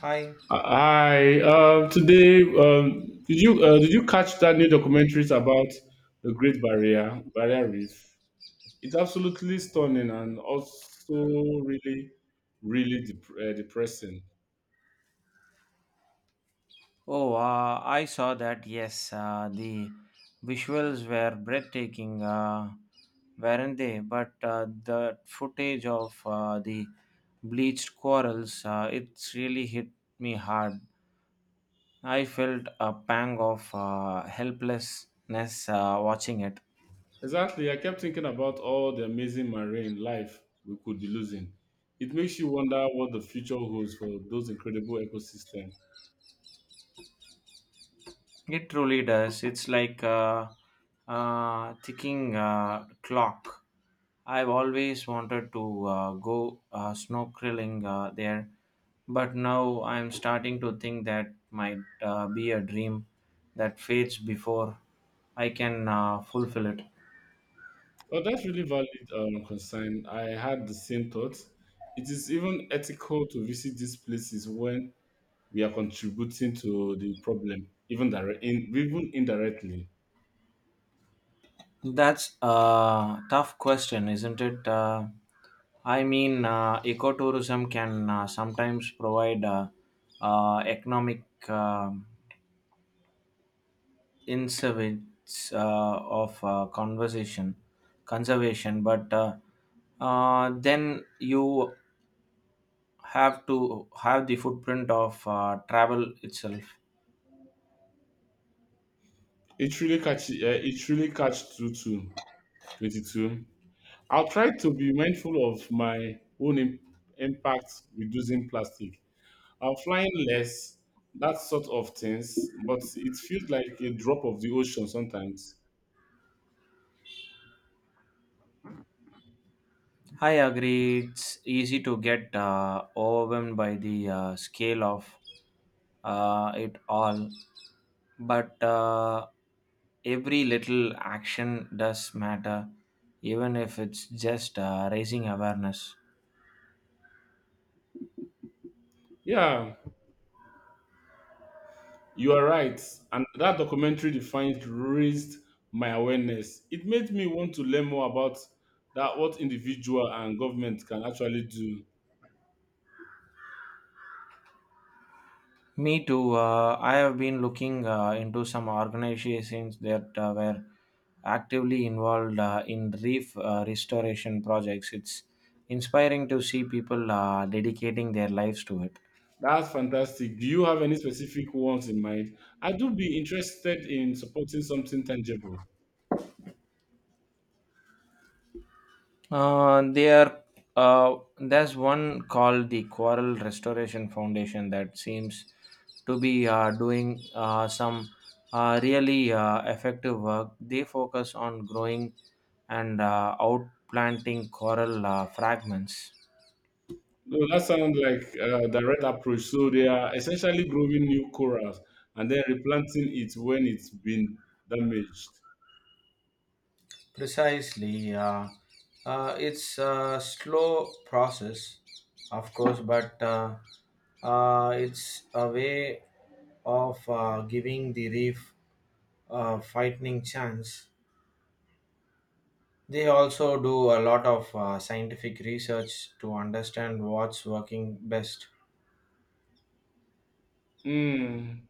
Hi. Hi. Today, did you catch that new documentaries about the Great Barrier Reef? It's absolutely stunning and also really, really depressing. Oh, I saw that. Yes, the visuals were breathtaking, weren't they? But the footage of the bleached corals, it really hit me hard. I felt a pang of helplessness watching it. Exactly. I kept thinking about all the amazing marine life we could be losing. It makes you wonder what the future holds for those incredible ecosystems. It truly does. It's like a ticking clock. I've always wanted to go snorkeling there, but now I'm starting to think that might be a dream that fades before I can fulfill it. Well, that's really valid concern. I had the same thoughts. It is even ethical to visit these places when we are contributing to the problem, even even indirectly. That's a tough question, isn't it? I mean, ecotourism can sometimes provide economic um insights of conversation conservation but then you have to have the footprint of travel itself. It really catch two two 22. I'll try to be mindful of my own impact, reducing plastic. I'm flying less, that sort of things, but it feels like a drop of the ocean sometimes. I agree, it's easy to get overwhelmed by the scale of it all, but every little action does matter, even if it's just raising awareness. Yeah, you are right. And that documentary defines raised my awareness. It made me want to learn more about that what individual and government can actually do. Me too. I have been looking into some organizations that were actively involved in reef restoration projects. It's inspiring to see people dedicating their lives to it. That's fantastic. Do you have any specific ones in mind? I do be interested in supporting something tangible. Uh, there. uh, there's one called the Coral Restoration Foundation that seems to be doing some really effective work. They focus on growing and outplanting coral fragments. No, that sounds like a direct approach. So they are essentially growing new corals and then replanting it when it's been damaged. Precisely, it's a slow process, of course, but it's a way of giving the reef frightening chance. They also do a lot of scientific research to understand what's working best. Hmm.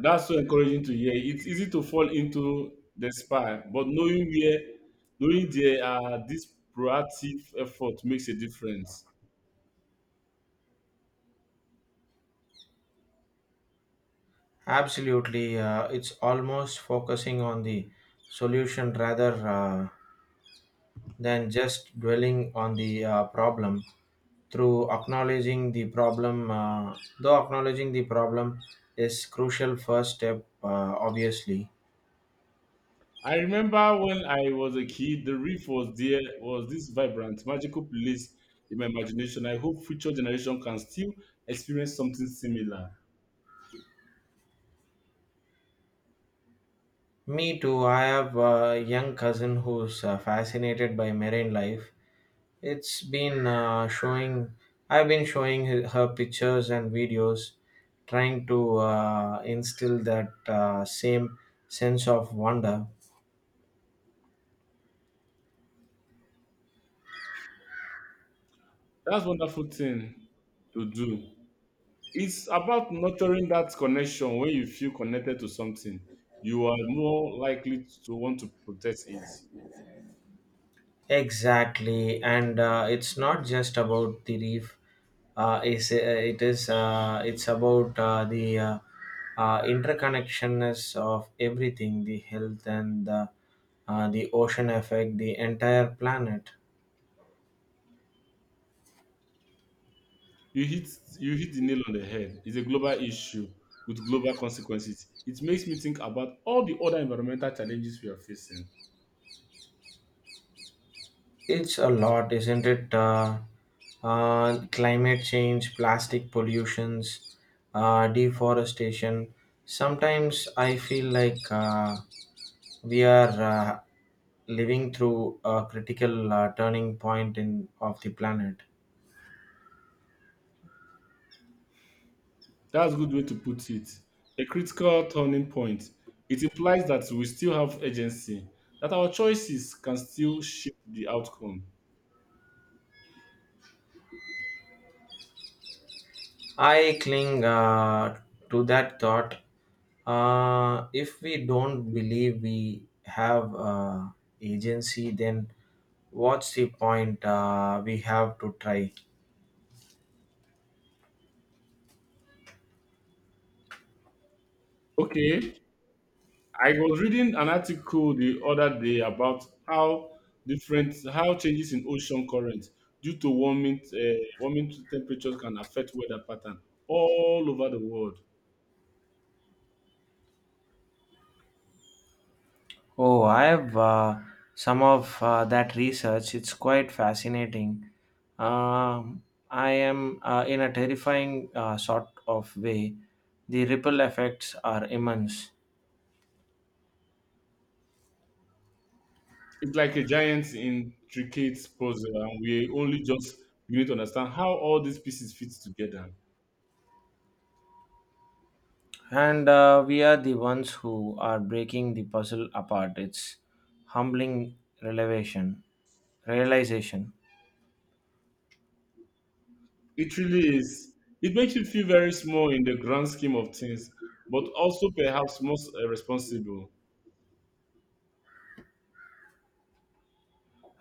That's so encouraging to hear. It's easy to fall into despair, but knowing there are this proactive effort makes a difference. Absolutely, it's almost focusing on the solution rather than just dwelling on the problem. Though acknowledging the problem is crucial first step, obviously. I remember when I was a kid, the reef was there, was this vibrant, magical place in my imagination. I hope future generation can still experience something similar. Me too. I have a young cousin who's fascinated by marine life. It's been showing. I've been showing her pictures and videos, trying to instill that same sense of wonder. That's wonderful thing to do. It's about nurturing that connection. When you feel connected to something, you are more likely to want to protect it. Exactly, and it's not just about the reef. It's, it is. It's about the interconnectionness of everything: the health and the ocean effect, the entire planet. You hit you hit the nail on the head. It's a global issue with global consequences. It makes me think about all the other environmental challenges we are facing. It's a lot, isn't it? Climate change, plastic pollutions, deforestation. Sometimes I feel like we are living through a critical turning point in of the planet. That's a good way to put it. A critical turning point. It implies that we still have agency, that our choices can still shape the outcome. I cling to that thought. If we don't believe we have agency, then what's the point? We have to try. Okay, I was reading an article the other day about how changes in ocean currents due to warming temperatures can affect weather pattern all over the world. Oh, I have some of that research. It's quite fascinating. Um, I am in a terrifying sort of way. The ripple effects are immense. It's like a giant intricate puzzle, and we only just begin to understand how all these pieces fit together. And we are the ones who are breaking the puzzle apart. It's humbling revelation, realization. It really is. It makes you feel very small in the grand scheme of things, but also perhaps most responsible.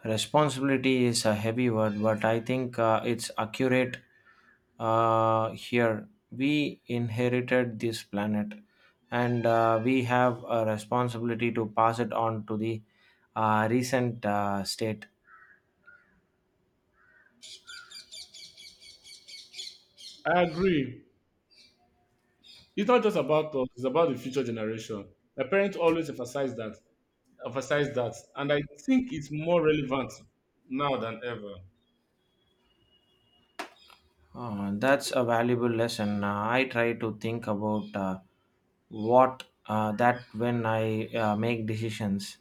Responsibility is a heavy word, but I think it's accurate here. We inherited this planet, and we have a responsibility to pass it on to the recent state. I agree. It's not just about us, it's about the future generation. My parents always emphasize that, and I think it's more relevant now than ever. That's a valuable lesson. I try to think about what that when I make decisions,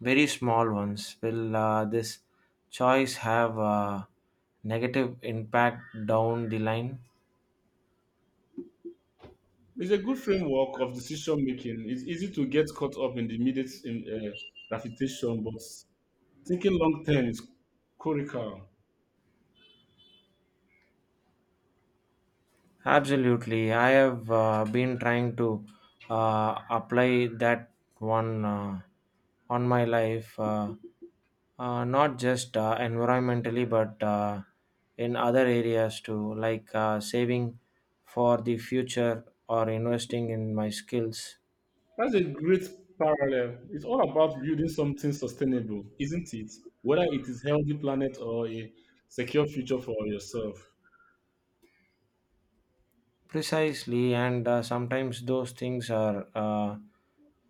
very small ones. Will this choice have a negative impact down the line? It's a good framework of decision making. It's easy to get caught up in the immediate uh, gratification, but thinking long term is critical. Absolutely. I have been trying to apply that one on my life, not just environmentally, but in other areas too, like saving for the future or investing in my skills. That's a great parallel. It's all about building something sustainable, isn't it? Whether it is healthy planet or a secure future for yourself. Precisely, and sometimes those things are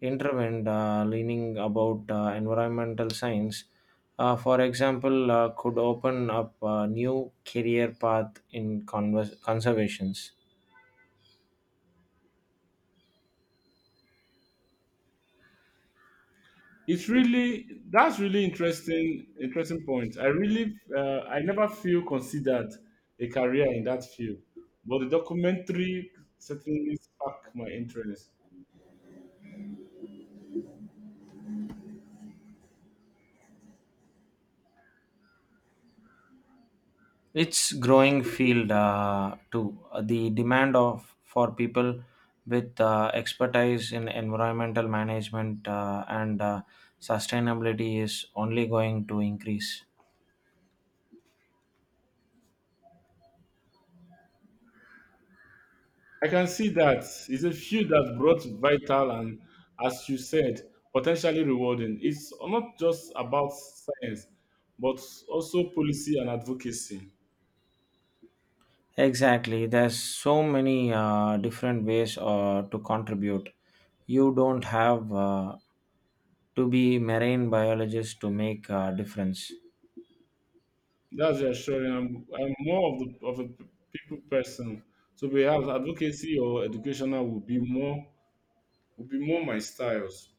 intervened, leaning about environmental science. For example, could open up a new career path in conservations. It's really that's really interesting point. I never feel considered a career in that field, but the documentary certainly sparked my interest. It's growing field too. The demand of for people with expertise in environmental management and sustainability is only going to increase. I can see that. It's a field that brought vital and, as you said, potentially rewarding. It's not just about science but also policy and advocacy. Exactly. There's so many different ways to contribute. You don't have to be marine biologist to make a difference. That's reassuring. I'm more of the of a people person, so perhaps advocacy or educational would be more my styles.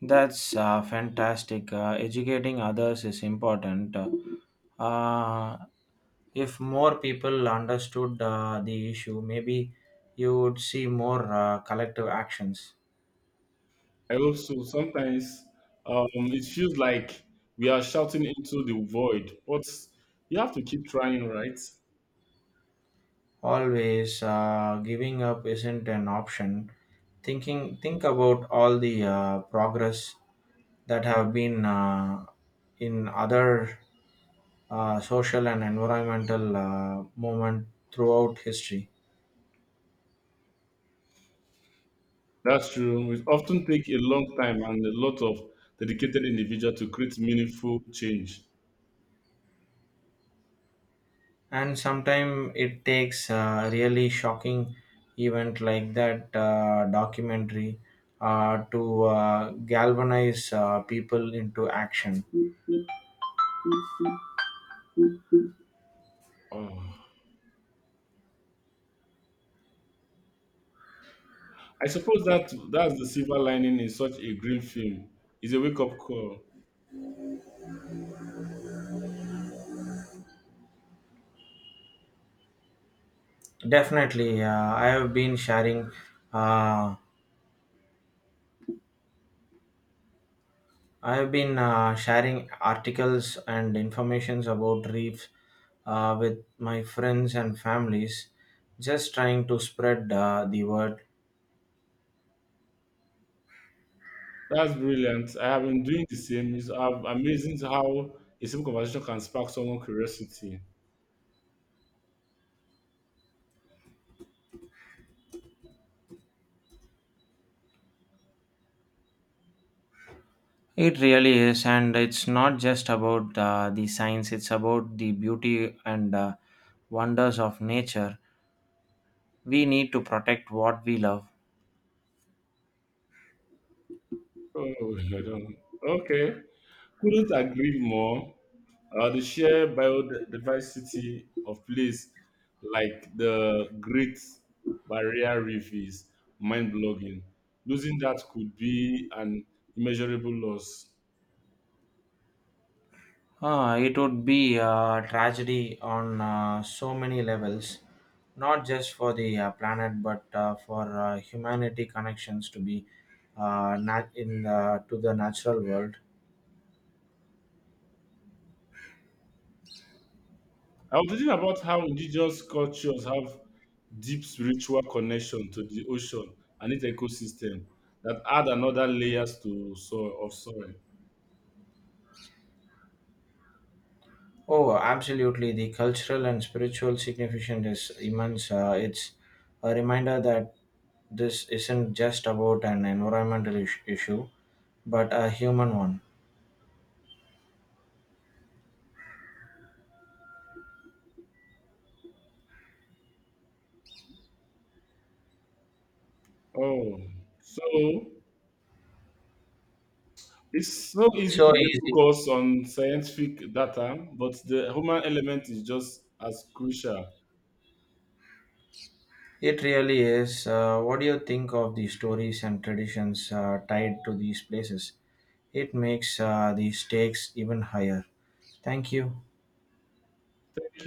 That's fantastic. Educating others is important. Uh, if more people understood the issue, maybe you would see more collective actions. I hope so. Sometimes um, it feels like we are shouting into the void, but you have to keep trying, right? Always giving up isn't an option. Think about all the progress that have been in other social and environmental movement throughout history. That's true. It often takes a long time and a lot of dedicated individual to create meaningful change. And sometimes it takes a really shocking event like that documentary to galvanize people into action. Oh. I suppose that's the silver lining in such a grim film. It's a wake up call. Definitely, Uh, I have been sharing articles and informations about reefs with my friends and families, just trying to spread the word. That's brilliant. I have been doing the same. It's amazing how a simple conversation can spark someone's curiosity. It really is, and it's not just about the science, it's about the beauty and wonders of nature. We need to protect what we love. Oh, I don't. Okay. Couldn't agree more. The sheer biodiversity of place like the Great Barrier Reef is mind-blowing. Losing that could be an immeasurable loss. Ah, it would be a tragedy on so many levels, not just for the planet, but for humanity connections to be nat- in to the natural world. I was thinking about how indigenous cultures have deep spiritual connection to the ocean and its ecosystem that add another layers to soil of soil. Oh, absolutely! The cultural and spiritual significance is immense. It's a reminder that this isn't just about an environmental issue, but a human one. Oh, so it's so It's easy to so get easy focused on scientific data, but the human element is just as crucial. It really is. What do you think of the stories and traditions tied to these places? It makes the stakes even higher. Thank you.